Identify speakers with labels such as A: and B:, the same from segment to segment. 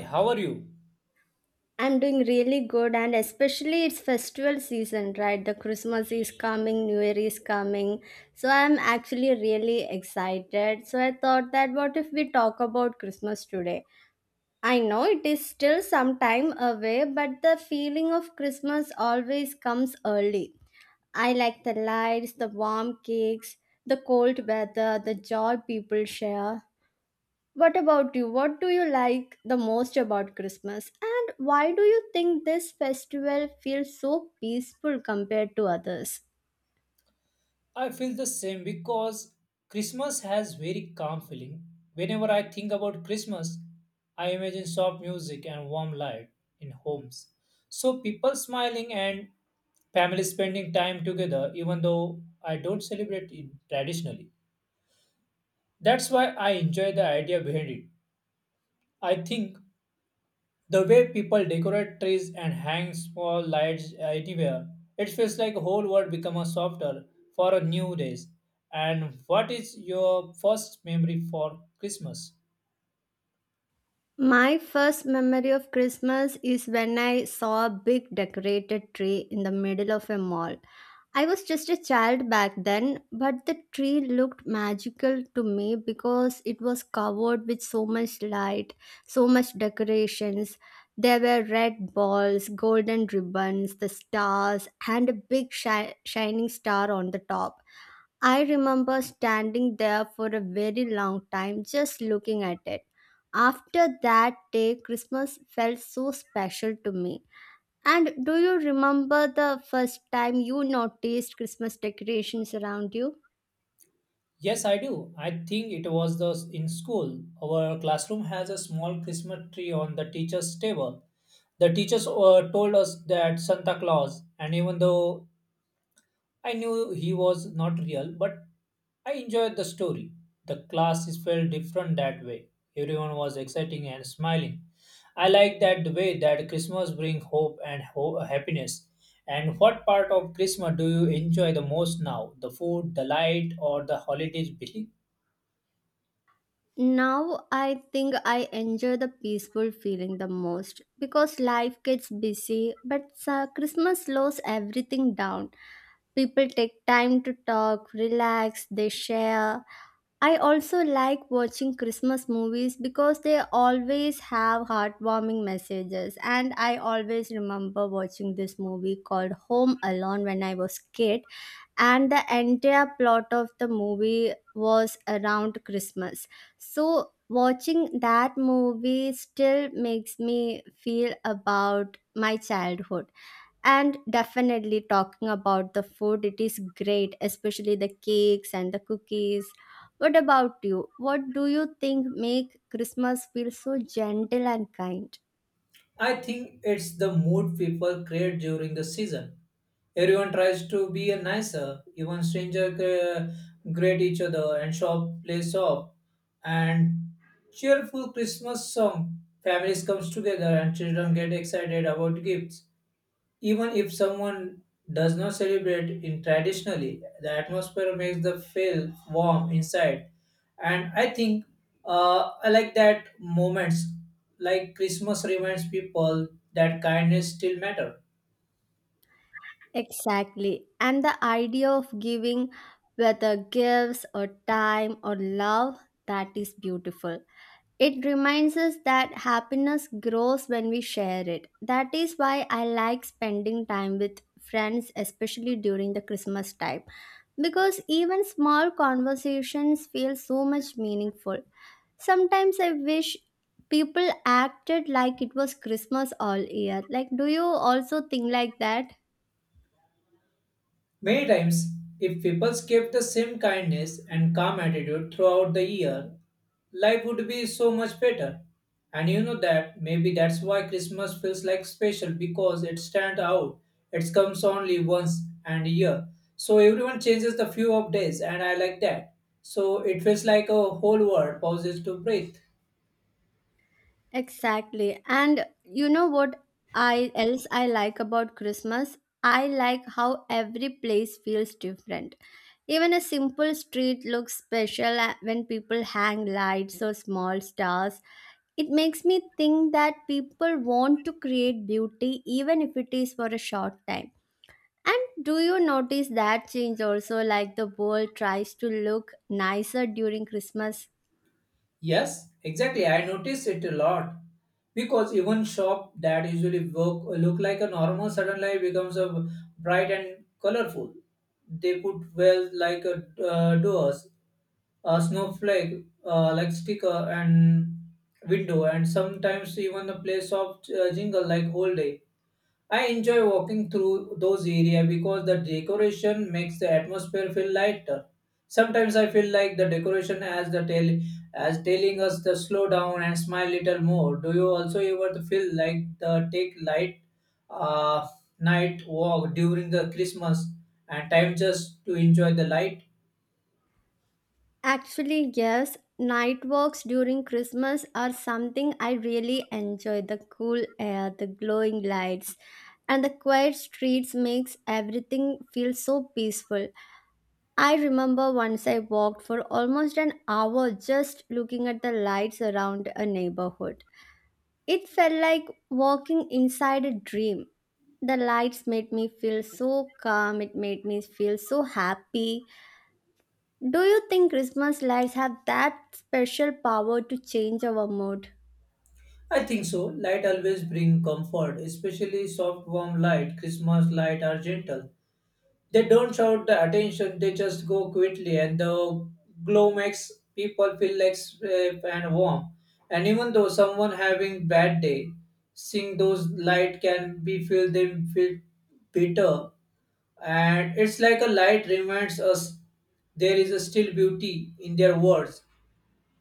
A: How are you?
B: I'm doing really good, and especially it's festival season, right? The Christmas is coming, New Year is coming. So I'm actually really excited. So I thought that what if we talk about Christmas today? I know it is still some time away, but the feeling of Christmas always comes early. I like the lights, the warm cakes, the cold weather, the joy people share. What about you? What do you like the most about Christmas? And why do you think this festival feels so peaceful compared to others?
A: I feel the same because Christmas has very calm feeling. Whenever I think about Christmas, I imagine soft music and warm light in homes. So people smiling and families spending time together even though I don't celebrate it traditionally. That's why I enjoy the idea behind it. I think the way people decorate trees and hang small lights anywhere, it feels like whole world become a softer for a new days. And what is your first memory for Christmas?
B: My first memory of Christmas is when I saw a big decorated tree in the middle of a mall. I was just a child back then, but the tree looked magical to me because it was covered with so much light, so much decorations. There were red balls, golden ribbons, the stars, and a big shining star on the top. I remember standing there for a very long time just looking at it. After that day, Christmas felt so special to me. And do you remember the first time you noticed Christmas decorations around you?
A: Yes, I do. I think it was the in school. Our classroom has a small Christmas tree on the teacher's table. The teachers told us that Santa Claus, and even though I knew he was not real, but I enjoyed the story. The classes felt different that way. Everyone was exciting and smiling. I like that the way that Christmas brings hope and happiness. And what part of Christmas do you enjoy the most now? The food, the light, or the holidays, Billy?
B: Now I think I enjoy the peaceful feeling the most because life gets busy, but Christmas slows everything down. People take time to talk, relax, they share. I also like watching Christmas movies because they always have heartwarming messages. And I always remember watching this movie called Home Alone when I was kid. And the entire plot of the movie was around Christmas. So watching that movie still makes me feel about my childhood. And definitely talking about the food, it is great, especially the cakes and the cookies. What about you? What do you think make Christmas feel so gentle and kind?
A: I think it's the mood people create during the season. Everyone tries to be a nicer, even stranger greet each other and shop plays off. And cheerful Christmas song. Families comes together and children get excited about gifts. Even if someone does not celebrate in traditionally, the atmosphere makes the feel warm inside. And I think I like that moments like Christmas reminds people that kindness still matter.
B: Exactly. And the idea of giving, whether gifts or time or love, that is beautiful. It reminds us that happiness grows when we share it. That is why I like spending time with friends, especially during the Christmas time, because even small conversations feel so much meaningful. Sometimes I wish people acted like it was Christmas all year. Like, do you also think like that?
A: Many times, if people kept the same kindness and calm attitude throughout the year, life would be so much better. And you know that maybe that's why Christmas feels like special because it stands out. It comes only once and a year. So everyone changes the few of days and I like that. So it feels like a whole world pauses to breathe.
B: Exactly. And you know what I else I like about Christmas? I like how every place feels different. Even a simple street looks special when people hang lights or small stars. It makes me think that people want to create beauty even if it is for a short time. And do you notice that change also? Like the world tries to look nicer during Christmas?
A: Yes, exactly. I notice it a lot because even shop that usually work look like a normal suddenly becomes a bright and colorful. They put well like a doors, a snowflake, like sticker and window, and sometimes even a place of jingle like whole day. I enjoy walking through those areas because the decoration makes the atmosphere feel lighter. Sometimes I feel like the decoration as the tell as telling us to slow down and smile little more. Do you also ever feel like the take light uh, night walk during the Christmas and time just to enjoy the light?
B: Actually, yes. Night walks during Christmas are something I really enjoy. The cool air, the glowing lights, and the quiet streets makes everything feel so peaceful. I remember once I walked for almost an hour just looking at the lights around a neighborhood. It felt like walking inside a dream. The lights made me feel so calm, it made me feel so happy. Do you think Christmas lights have that special power to change our mood?
A: I think so. Light always bring comfort, especially soft warm light. Christmas light are gentle. They don't shout the attention, they just go quickly, and the glow makes people feel like safe and warm. And even though someone having bad day, seeing those light can be feel them feel bitter. And it's like a light reminds us there is a still beauty in their words.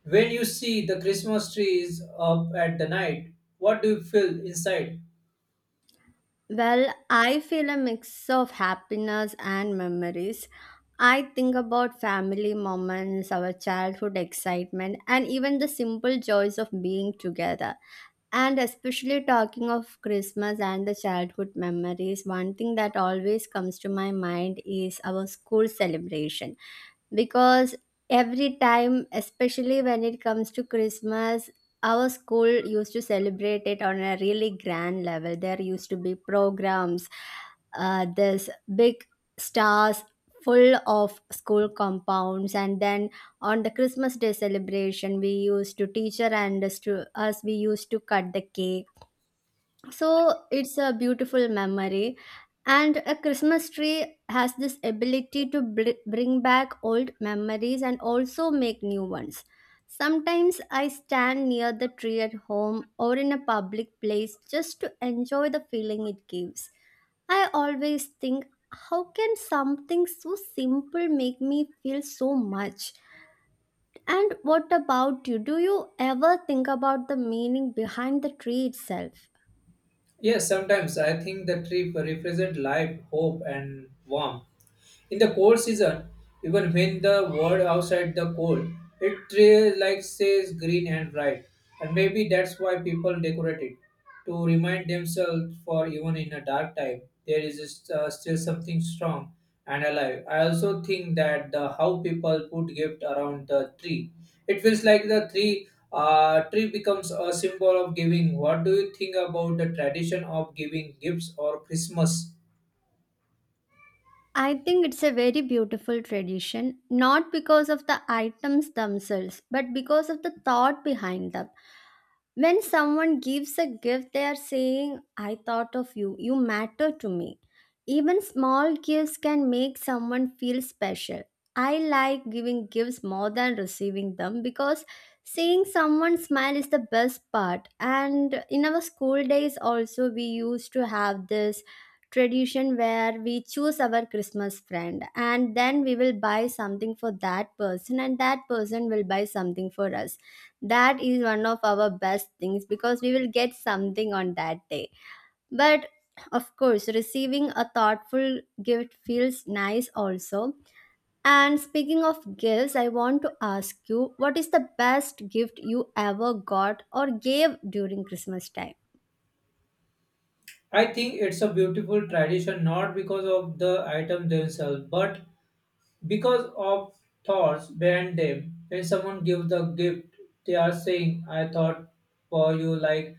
A: When you see the Christmas tree is up at the night, what do you feel inside?
B: Well, I feel a mix of happiness and memories. I think about family moments, our childhood excitement, and even the simple joys of being together. And especially talking of Christmas and the childhood memories, one thing that always comes to my mind is our school celebration, because every time, especially when it comes to Christmas, our school used to celebrate it on a really grand level. There used to be programs, this big stars full of school compounds, and then on the Christmas day celebration we used to teacher and us, we used to cut the cake. So it's a beautiful memory. And a Christmas tree has this ability to bring back old memories and also make new ones. Sometimes I stand near the tree at home or in a public place just to enjoy the feeling it gives. I always think, how can something so simple make me feel so much? And what about you? Do you ever think about the meaning behind the tree itself?
A: Yes, sometimes I think the tree represent life, hope, and warmth. In the cold season, even when the world outside the cold, it like says green and bright, and maybe that's why people decorate it to remind themselves for even in a dark time there is still something strong and alive. I also think that the how people put gift around the tree, it feels like the tree becomes a symbol of giving. What do you think about the tradition of giving gifts or Christmas?
B: I think it's a very beautiful tradition, not because of the items themselves, but because of the thought behind them. When someone gives a gift, they are saying, I thought of you, you matter to me. Even small gifts can make someone feel special. I like giving gifts more than receiving them because seeing someone smile is the best part. And in our school days, also, we used to have this tradition where we choose our Christmas friend and then we will buy something for that person, and that person will buy something for us. That is one of our best things because we will get something on that day. But of course receiving a thoughtful gift feels nice also. And speaking of gifts, I want to ask you, what is the best gift you ever got or gave during Christmas time?
A: I think it's a beautiful tradition not because of the items themselves, but because of thoughts behind them. When someone gives the gift, they are saying, "I thought for you, like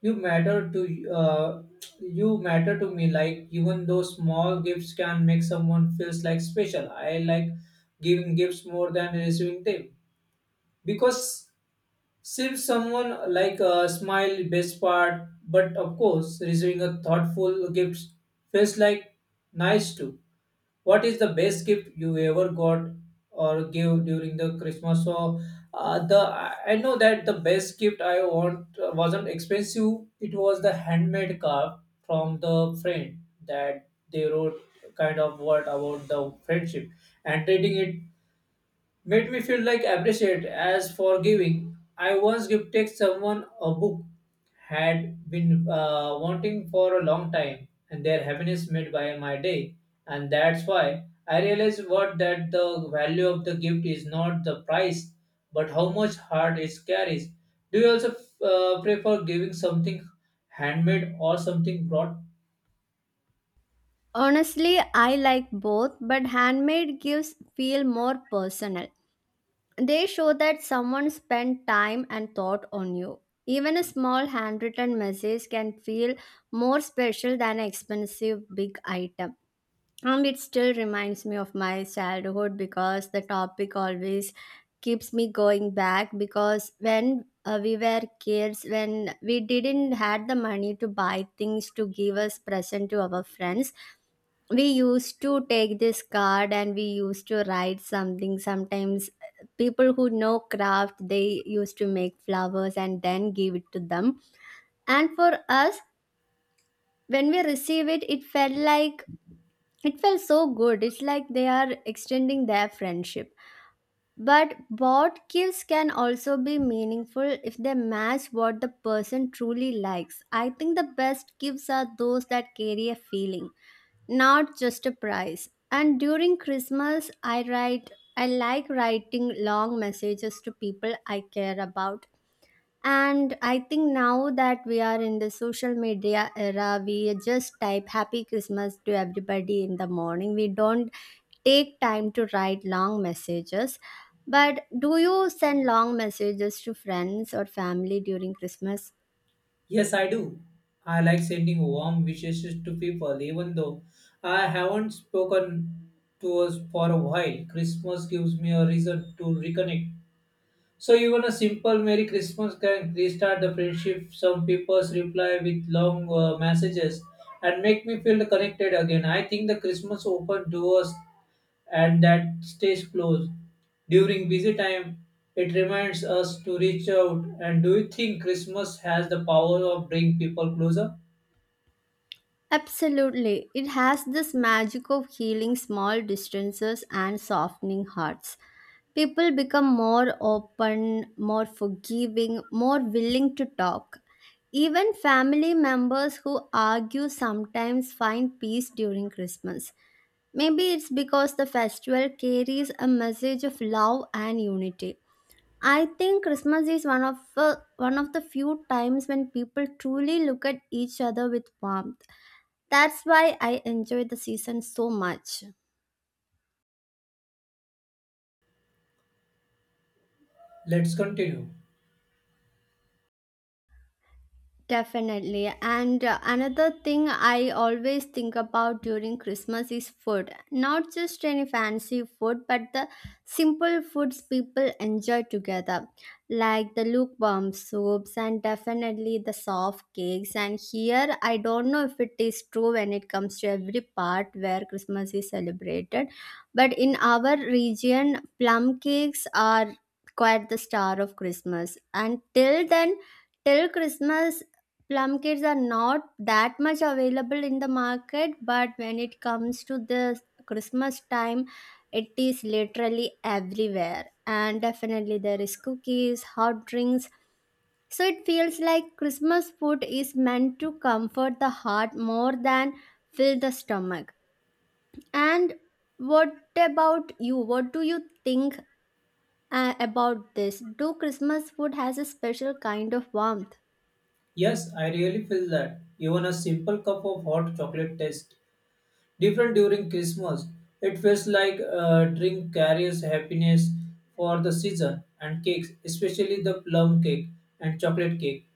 A: you matter to uh, you matter to me." Like even though small gifts can make someone feels like special, I like giving gifts more than receiving them because save someone like a smile best part, but of course, receiving a thoughtful gift feels like nice too. What is the best gift you ever got or gave during the Christmas? So, the I know that the best gift I want wasn't expensive. It was the handmade card from the friend that they wrote kind of word about the friendship and treating it made me feel like appreciate as for giving. I once gifted someone a book had been wanting for a long time, and their happiness made by my day. And that's why I realized what that the value of the gift is not the price, but how much heart it carries. Do you also prefer giving something handmade or something brought?
B: Honestly, I like both, but handmade gifts feel more personal. They show that someone spent time and thought on you. Even a small handwritten message can feel more special than an expensive big item. And it still reminds me of my childhood because the topic always keeps me going back. Because when we were kids, when we didn't had the money to buy things to give us present to our friends, we used to take this card and we used to write something. Sometimes people who know craft, they used to make flowers and then give it to them. And for us, when we receive it, it felt like, it felt so good. It's like they are extending their friendship. But bought gifts can also be meaningful if they match what the person truly likes. I think the best gifts are those that carry a feeling, not just a price. And during Christmas, I write, I like writing long messages to people I care about. And I think now that we are in the social media era, we just type Happy Christmas to everybody in the morning. We don't take time to write long messages. But do you send long messages to friends or family during Christmas?
A: Yes, I do. I like sending warm wishes to people, even though I haven't spoken to us for a while. Christmas gives me a reason to reconnect. So even a simple Merry Christmas can restart the friendship. Some people reply with long messages and make me feel connected again. I think the Christmas open doors and that stays closed. During busy time, it reminds us to reach out. And do you think Christmas has the power of bring people closer?
B: Absolutely. It has this magic of healing small distances and softening hearts. People become more open, more forgiving, more willing to talk. Even family members who argue sometimes find peace during Christmas. Maybe it's because the festival carries a message of love and unity. I think Christmas is one of the few times when people truly look at each other with warmth. That's why I enjoy the season so much.
A: Let's continue.
B: Definitely. And another thing I always think about during Christmas is food. Not just any fancy food, but the simple foods people enjoy together, like the lukewarm soups and definitely the soft cakes. And here, I don't know if it is true when it comes to every part where Christmas is celebrated, but in our region, plum cakes are quite the star of Christmas. And till then, till Christmas, plum cakes are not that much available in the market, but when it comes to the Christmas time, it is literally everywhere. And definitely there is cookies, hot drinks. So it feels like Christmas food is meant to comfort the heart more than fill the stomach. And what about you? What do you think about this? Do Christmas food has a special kind of warmth?
A: Yes, I really feel that. Even a simple cup of hot chocolate taste different during Christmas. It feels like a drink carries happiness for the season, and cakes, especially the plum cake and chocolate cake,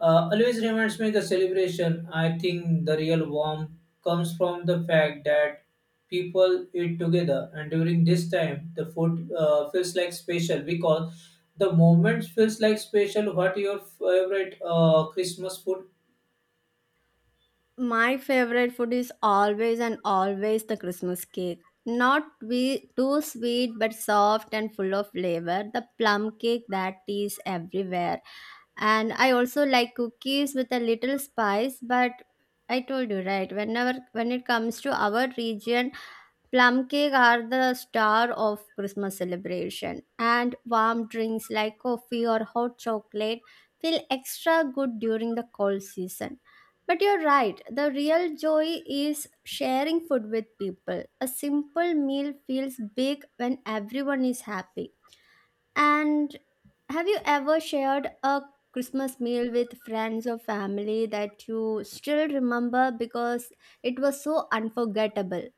A: always reminds me the celebration. I think the real warmth comes from the fact that people eat together, and during this time, the food feels like special because the moment feels like special. What your favorite Christmas food?
B: My favorite food is always and always the Christmas cake. Not we too sweet, but soft and full of flavor. The plum cake that is everywhere. And I also like cookies with a little spice, but I told you right, whenever when it comes to our region, plum cake are the star of Christmas celebration, and warm drinks like coffee or hot chocolate feel extra good during the cold season. But you're right, the real joy is sharing food with people. A simple meal feels big when everyone is happy. And have you ever shared a Christmas meal with friends or family that you still remember because it was so unforgettable?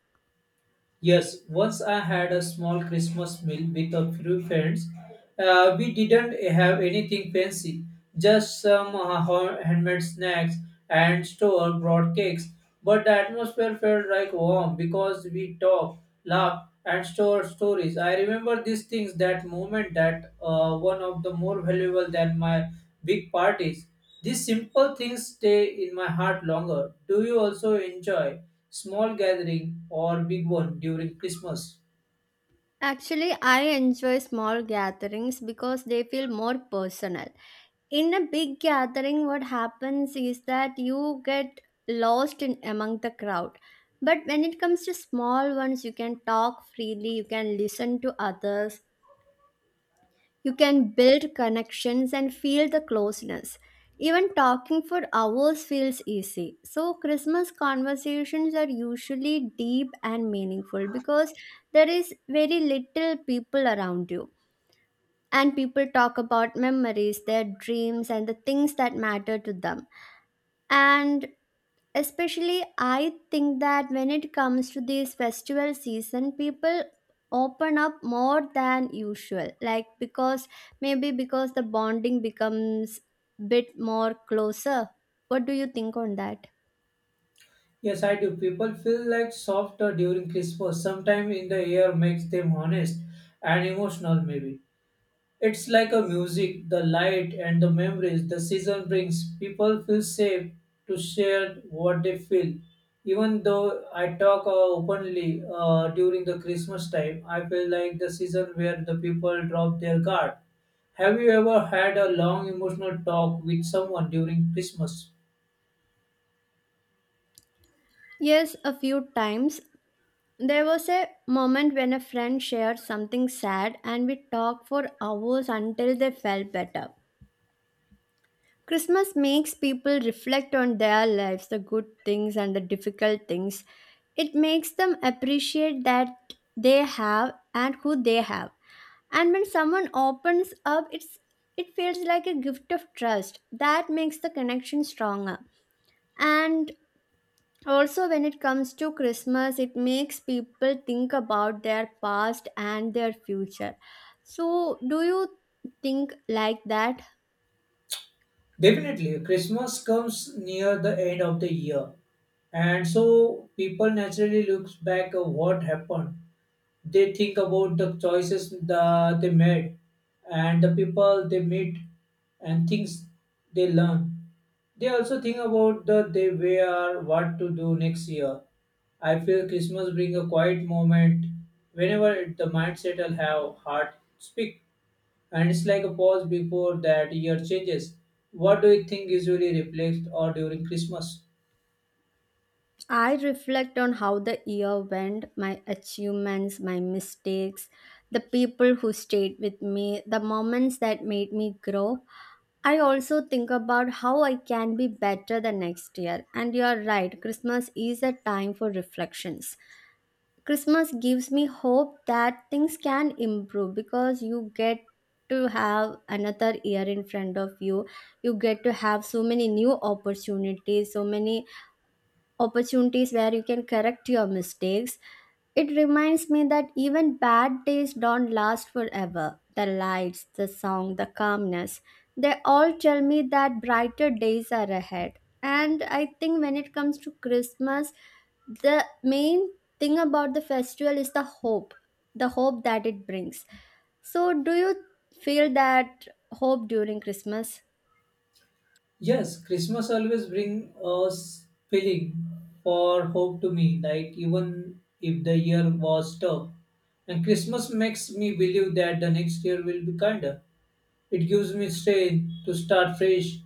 A: Yes, once I had a small Christmas meal with a few friends. We didn't have anything fancy, just some handmade snacks and store bought cakes. But the atmosphere felt like warm because we talked, laughed, and store stories. I remember these things that moment that one of the more valuable than my big parties. These simple things stay in my heart longer. Do you also enjoy small gathering or big one during Christmas?
B: Actually, I enjoy small gatherings because they feel more personal. In a big gathering, what happens is that you get lost in among the crowd. But when it comes to small ones, you can talk freely, you can listen to others, you can build connections and feel the closeness. Even talking for hours feels easy. So, Christmas conversations are usually deep and meaningful because there is very little people around you, and people talk about memories, their dreams, and the things that matter to them. And especially, I think that when it comes to this festival season, people open up more than usual, like, because maybe because the bonding becomes bit more closer. What do you think on that?
A: Yes, I do. People feel like softer during Christmas. Sometimes in the air makes them honest and emotional maybe. It's like a music, the light and the memories the season brings. People feel safe to share what they feel. Even though I talk openly during the Christmas time, I feel like the season where the people drop their guard. Have you ever had a long emotional talk with someone during Christmas?
B: Yes, a few times. There was a moment when a friend shared something sad and we talked for hours until they felt better. Christmas makes people reflect on their lives, the good things and the difficult things. It makes them appreciate that they have and who they have. And when someone opens up, it feels like a gift of trust. That makes the connection stronger. And also when it comes to Christmas, it makes people think about their past and their future. So, do you think like that?
A: Definitely, Christmas comes near the end of the year, and so people naturally looks back at what happened. They think about the choices the, they made and the people they meet and things they learn. They also think about the they wear, what to do next year. I feel Christmas bring a quiet moment whenever it, the mindset will have heart speak. And it's like a pause before that year changes. What do you think usually replaced or during Christmas?
B: I reflect on how the year went, my achievements, my mistakes, the people who stayed with me, the moments that made me grow. I also think about how I can be better the next year. And you're right, Christmas is a time for reflections. Christmas gives me hope that things can improve because you get to have another year in front of you. You get to have so many new opportunities, so many opportunities where you can correct your mistakes. It reminds me that even bad days don't last forever. The lights, the song, the calmness, they all tell me that brighter days are ahead. And I think when it comes to Christmas, the main thing about the festival is the hope that it brings. So, do you feel that hope during Christmas?
A: Yes, Christmas always bring a feeling for hope to me, like even if the year was tough. And Christmas makes me believe that the next year will be kinder. It gives me strength to start fresh.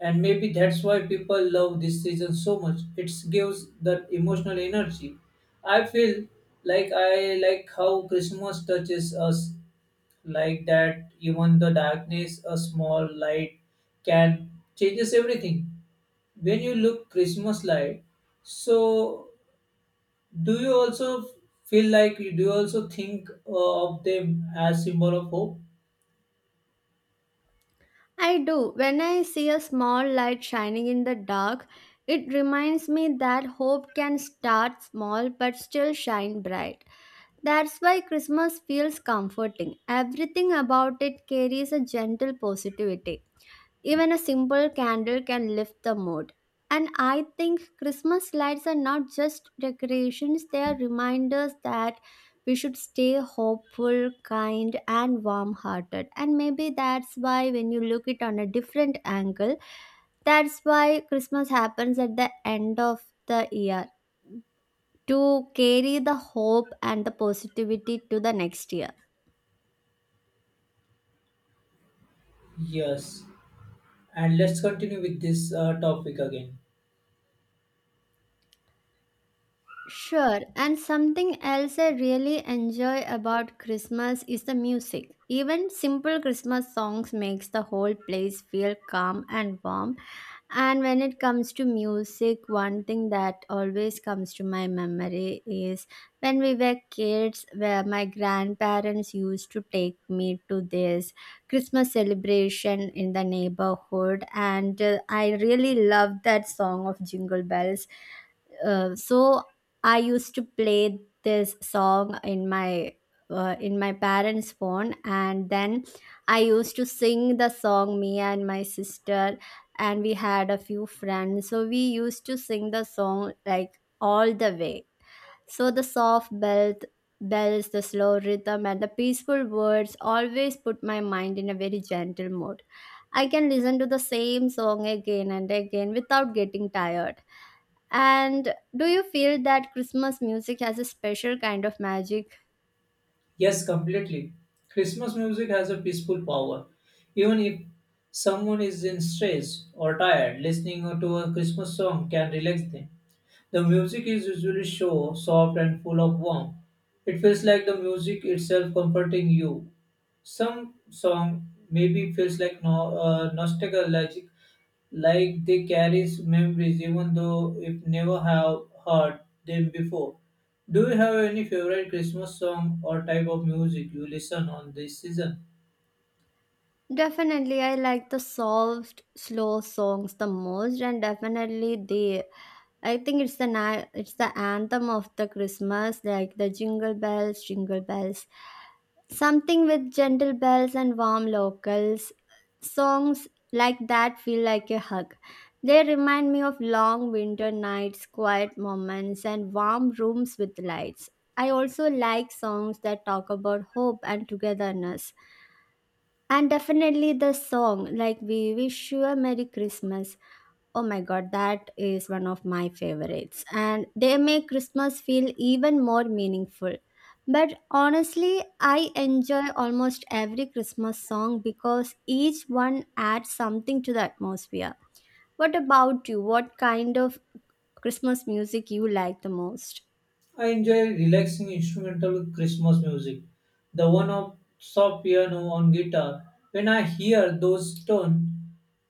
A: And maybe that's why people love this season so much. It gives that emotional energy. I feel like I like how Christmas touches us like that even the darkness a small light can changes everything when you look Christmas light. So do you also feel like do you also think of them as symbol of hope?
B: I do. When I see a small light shining in the dark, it reminds me that hope can start small but still shine bright. That's why Christmas feels comforting. Everything about it carries a gentle positivity. Even a simple candle can lift the mood. And I think Christmas lights are not just decorations, they are reminders that we should stay hopeful, kind, and warm hearted. And maybe that's why, when you look it on a different angle, that's why Christmas happens at the end of the year to carry the hope and the positivity to the next year.
A: Yes, and let's continue with this topic again.
B: Sure, and something else I really enjoy about Christmas is the music. Even simple Christmas songs makes the whole place feel calm and warm. And when it comes to music, one thing that always comes to my memory is when we were kids, where my grandparents used to take me to this Christmas celebration in the neighborhood, and I really loved that song of Jingle Bells. So I used to play this song in my parents phone, and then I used to sing the song, me and my sister, and we had a few friends, so we used to sing the song like all the way. So the soft belt bells, the slow rhythm, and the peaceful words always put my mind in a very gentle mood. I can listen to the same song again and again without getting tired. And do you feel that Christmas music has a special kind of magic?
A: Yes, completely. Christmas music has a peaceful power even if someone is in stress or tired listening to a Christmas song can relax them. The music is usually show, soft and full of warmth. It feels like the music itself comforting you. Some song maybe feels like no, nostalgic, like they carries memories even though if never have heard them before. Do you have any favorite Christmas song or type of music you listen on this season?
B: Definitely, I like the soft, slow songs the most, and definitely they I think it's the it's the anthem of the Christmas, like the jingle bells, something with gentle bells and warm locals. Songs like that feel like a hug. They remind me of long winter nights, quiet moments, and warm rooms with lights. I also like songs that talk about hope and togetherness. And definitely the song, like We Wish You a Merry Christmas, oh my god, that is one of my favorites. And they make Christmas feel even more meaningful. But honestly, I enjoy almost every Christmas song because each one adds something to the atmosphere. What about you? What kind of Christmas music you like the most?
A: I enjoy relaxing instrumental Christmas music, the one of soft piano on guitar. When I hear those tones,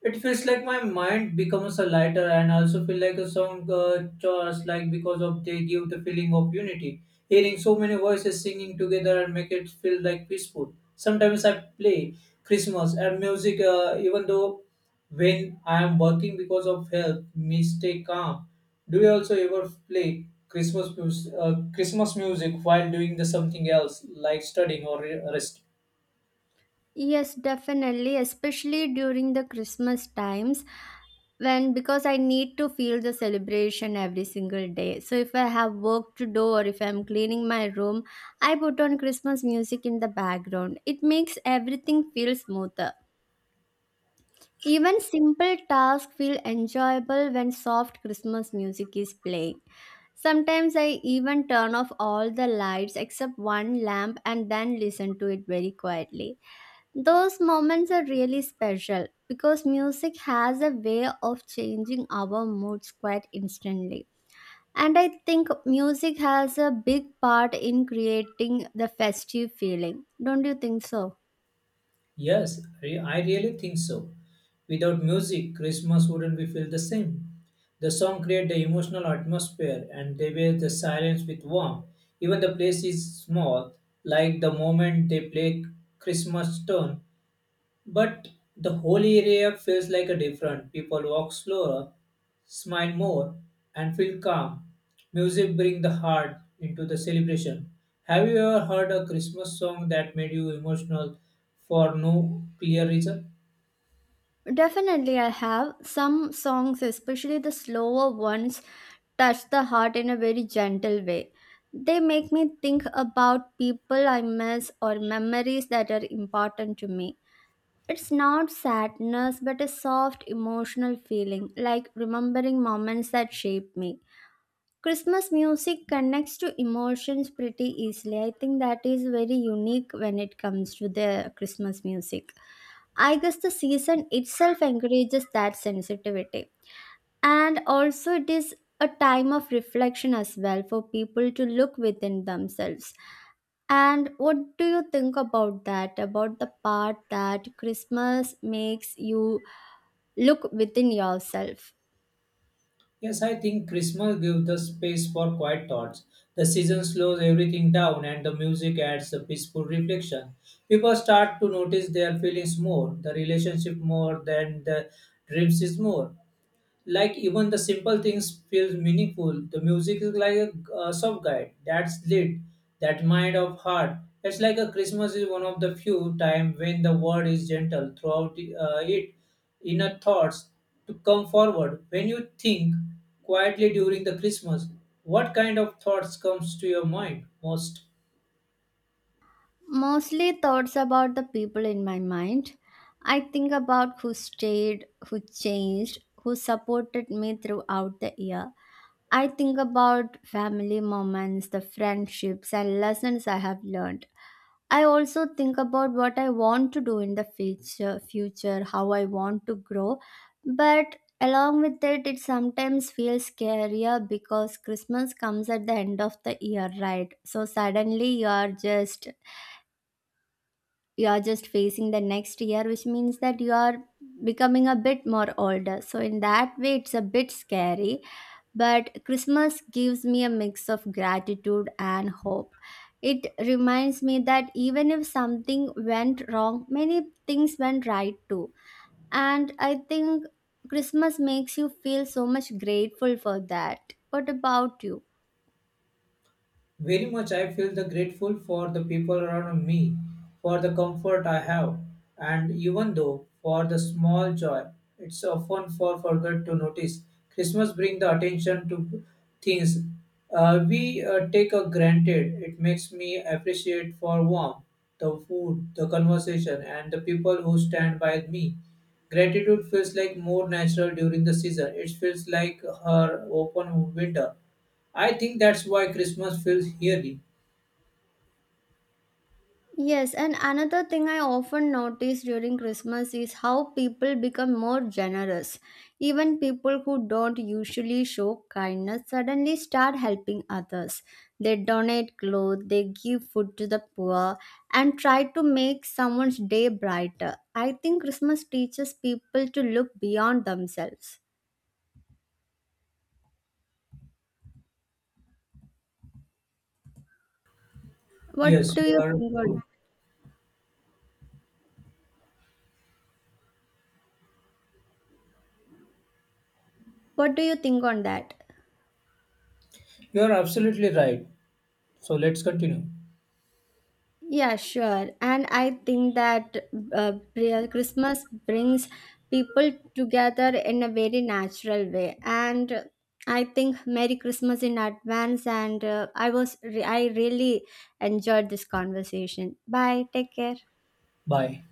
A: it feels like my mind becomes a lighter and I also feel like a song chorus like because of they give the feeling of unity. Hearing so many voices singing together and make it feel like peaceful. Sometimes I play Christmas and music even though when I am working because of help me stay calm. Do you also ever play Christmas Christmas music while doing the something else like studying or rest?
B: Yes, definitely, especially during the Christmas times when because I need to feel the celebration every single day. So if I have work to do or if I'm cleaning my room, I put on Christmas music in the background. It makes everything feel smoother. Even simple tasks feel enjoyable when soft Christmas music is playing. Sometimes I even turn off all the lights except one lamp and then listen to it very quietly. Those moments are really special because music has a way of changing our moods quite instantly. And I think music has a big part in creating the festive feeling. Don't you think so?
A: Yes, I really think so. Without music, Christmas wouldn't be feel the same. The song create the emotional atmosphere and they wear the silence with warmth. Even the place is small, like the moment they play Christmas tune, but the whole area feels like a different. People walk slower, smile more, and feel calm. Music brings the heart into the celebration. Have you ever heard a Christmas song that made you emotional for no clear reason?
B: Definitely, I have. Some songs, especially the slower ones, touch the heart in a very gentle way. They make me think about people I miss or memories that are important to me. It's not sadness, but a soft emotional feeling, like remembering moments that shaped me. Christmas music connects to emotions pretty easily. I think that is very unique when it comes to the Christmas music. I guess the season itself encourages that sensitivity, and also it is a time of reflection as well for people to look within themselves. And what do you think about that, about the part that Christmas makes you look within yourself?
A: Yes, I think Christmas gives the space for quiet thoughts. The season slows everything down and the music adds a peaceful reflection. People start to notice their feelings more, the relationship more than the dreams is more. Like even the simple things feels meaningful, the music is like a, soft guide that's lit that mind of heart. It's like a Christmas is one of the few time when the word is gentle throughout the, it inner thoughts to come forward. When you think quietly during the Christmas, what kind of thoughts comes to your mind most?
B: Mostly thoughts about the people in my mind. I think about who stayed, who changed, who supported me throughout the year. I think about family moments, the friendships, and lessons I have learned. I also think about what I want to do in the future, future, how I want to grow. But along with it, it sometimes feels scarier because Christmas comes at the end of the year, right? So suddenly you are just facing the next year, which means that you are becoming a bit more older. So in that way, it's a bit scary. But Christmas gives me a mix of gratitude and hope. It reminds me that even if something went wrong, many things went right too. And I think Christmas makes you feel so much grateful for that. What about you?
A: Very much I feel the grateful for the people around me, for the comfort I have, and even though for the small joy, it's often for forgot to notice. Christmas bring the attention to things we take a granted. It makes me appreciate for warmth, the food, the conversation, and the people who stand by me. Gratitude feels like more natural during the season. It feels like her open window. I think that's why Christmas feels eerie.
B: Yes, and another thing I often notice during Christmas is how people become more generous. Even people who don't usually show kindness suddenly start helping others. They donate clothes, they give food to the poor, and try to make someone's day brighter. I think Christmas teaches people to look beyond themselves. What
A: Yes,
B: do
A: you
B: you
A: are
B: think on
A: true.
B: what do you think on that?
A: You are absolutely right. So let's continue.
B: Yeah, sure. And I think that Christmas brings people together in a very natural way. And I think Merry Christmas in advance. And I really enjoyed this conversation. Bye. Take care.
A: Bye.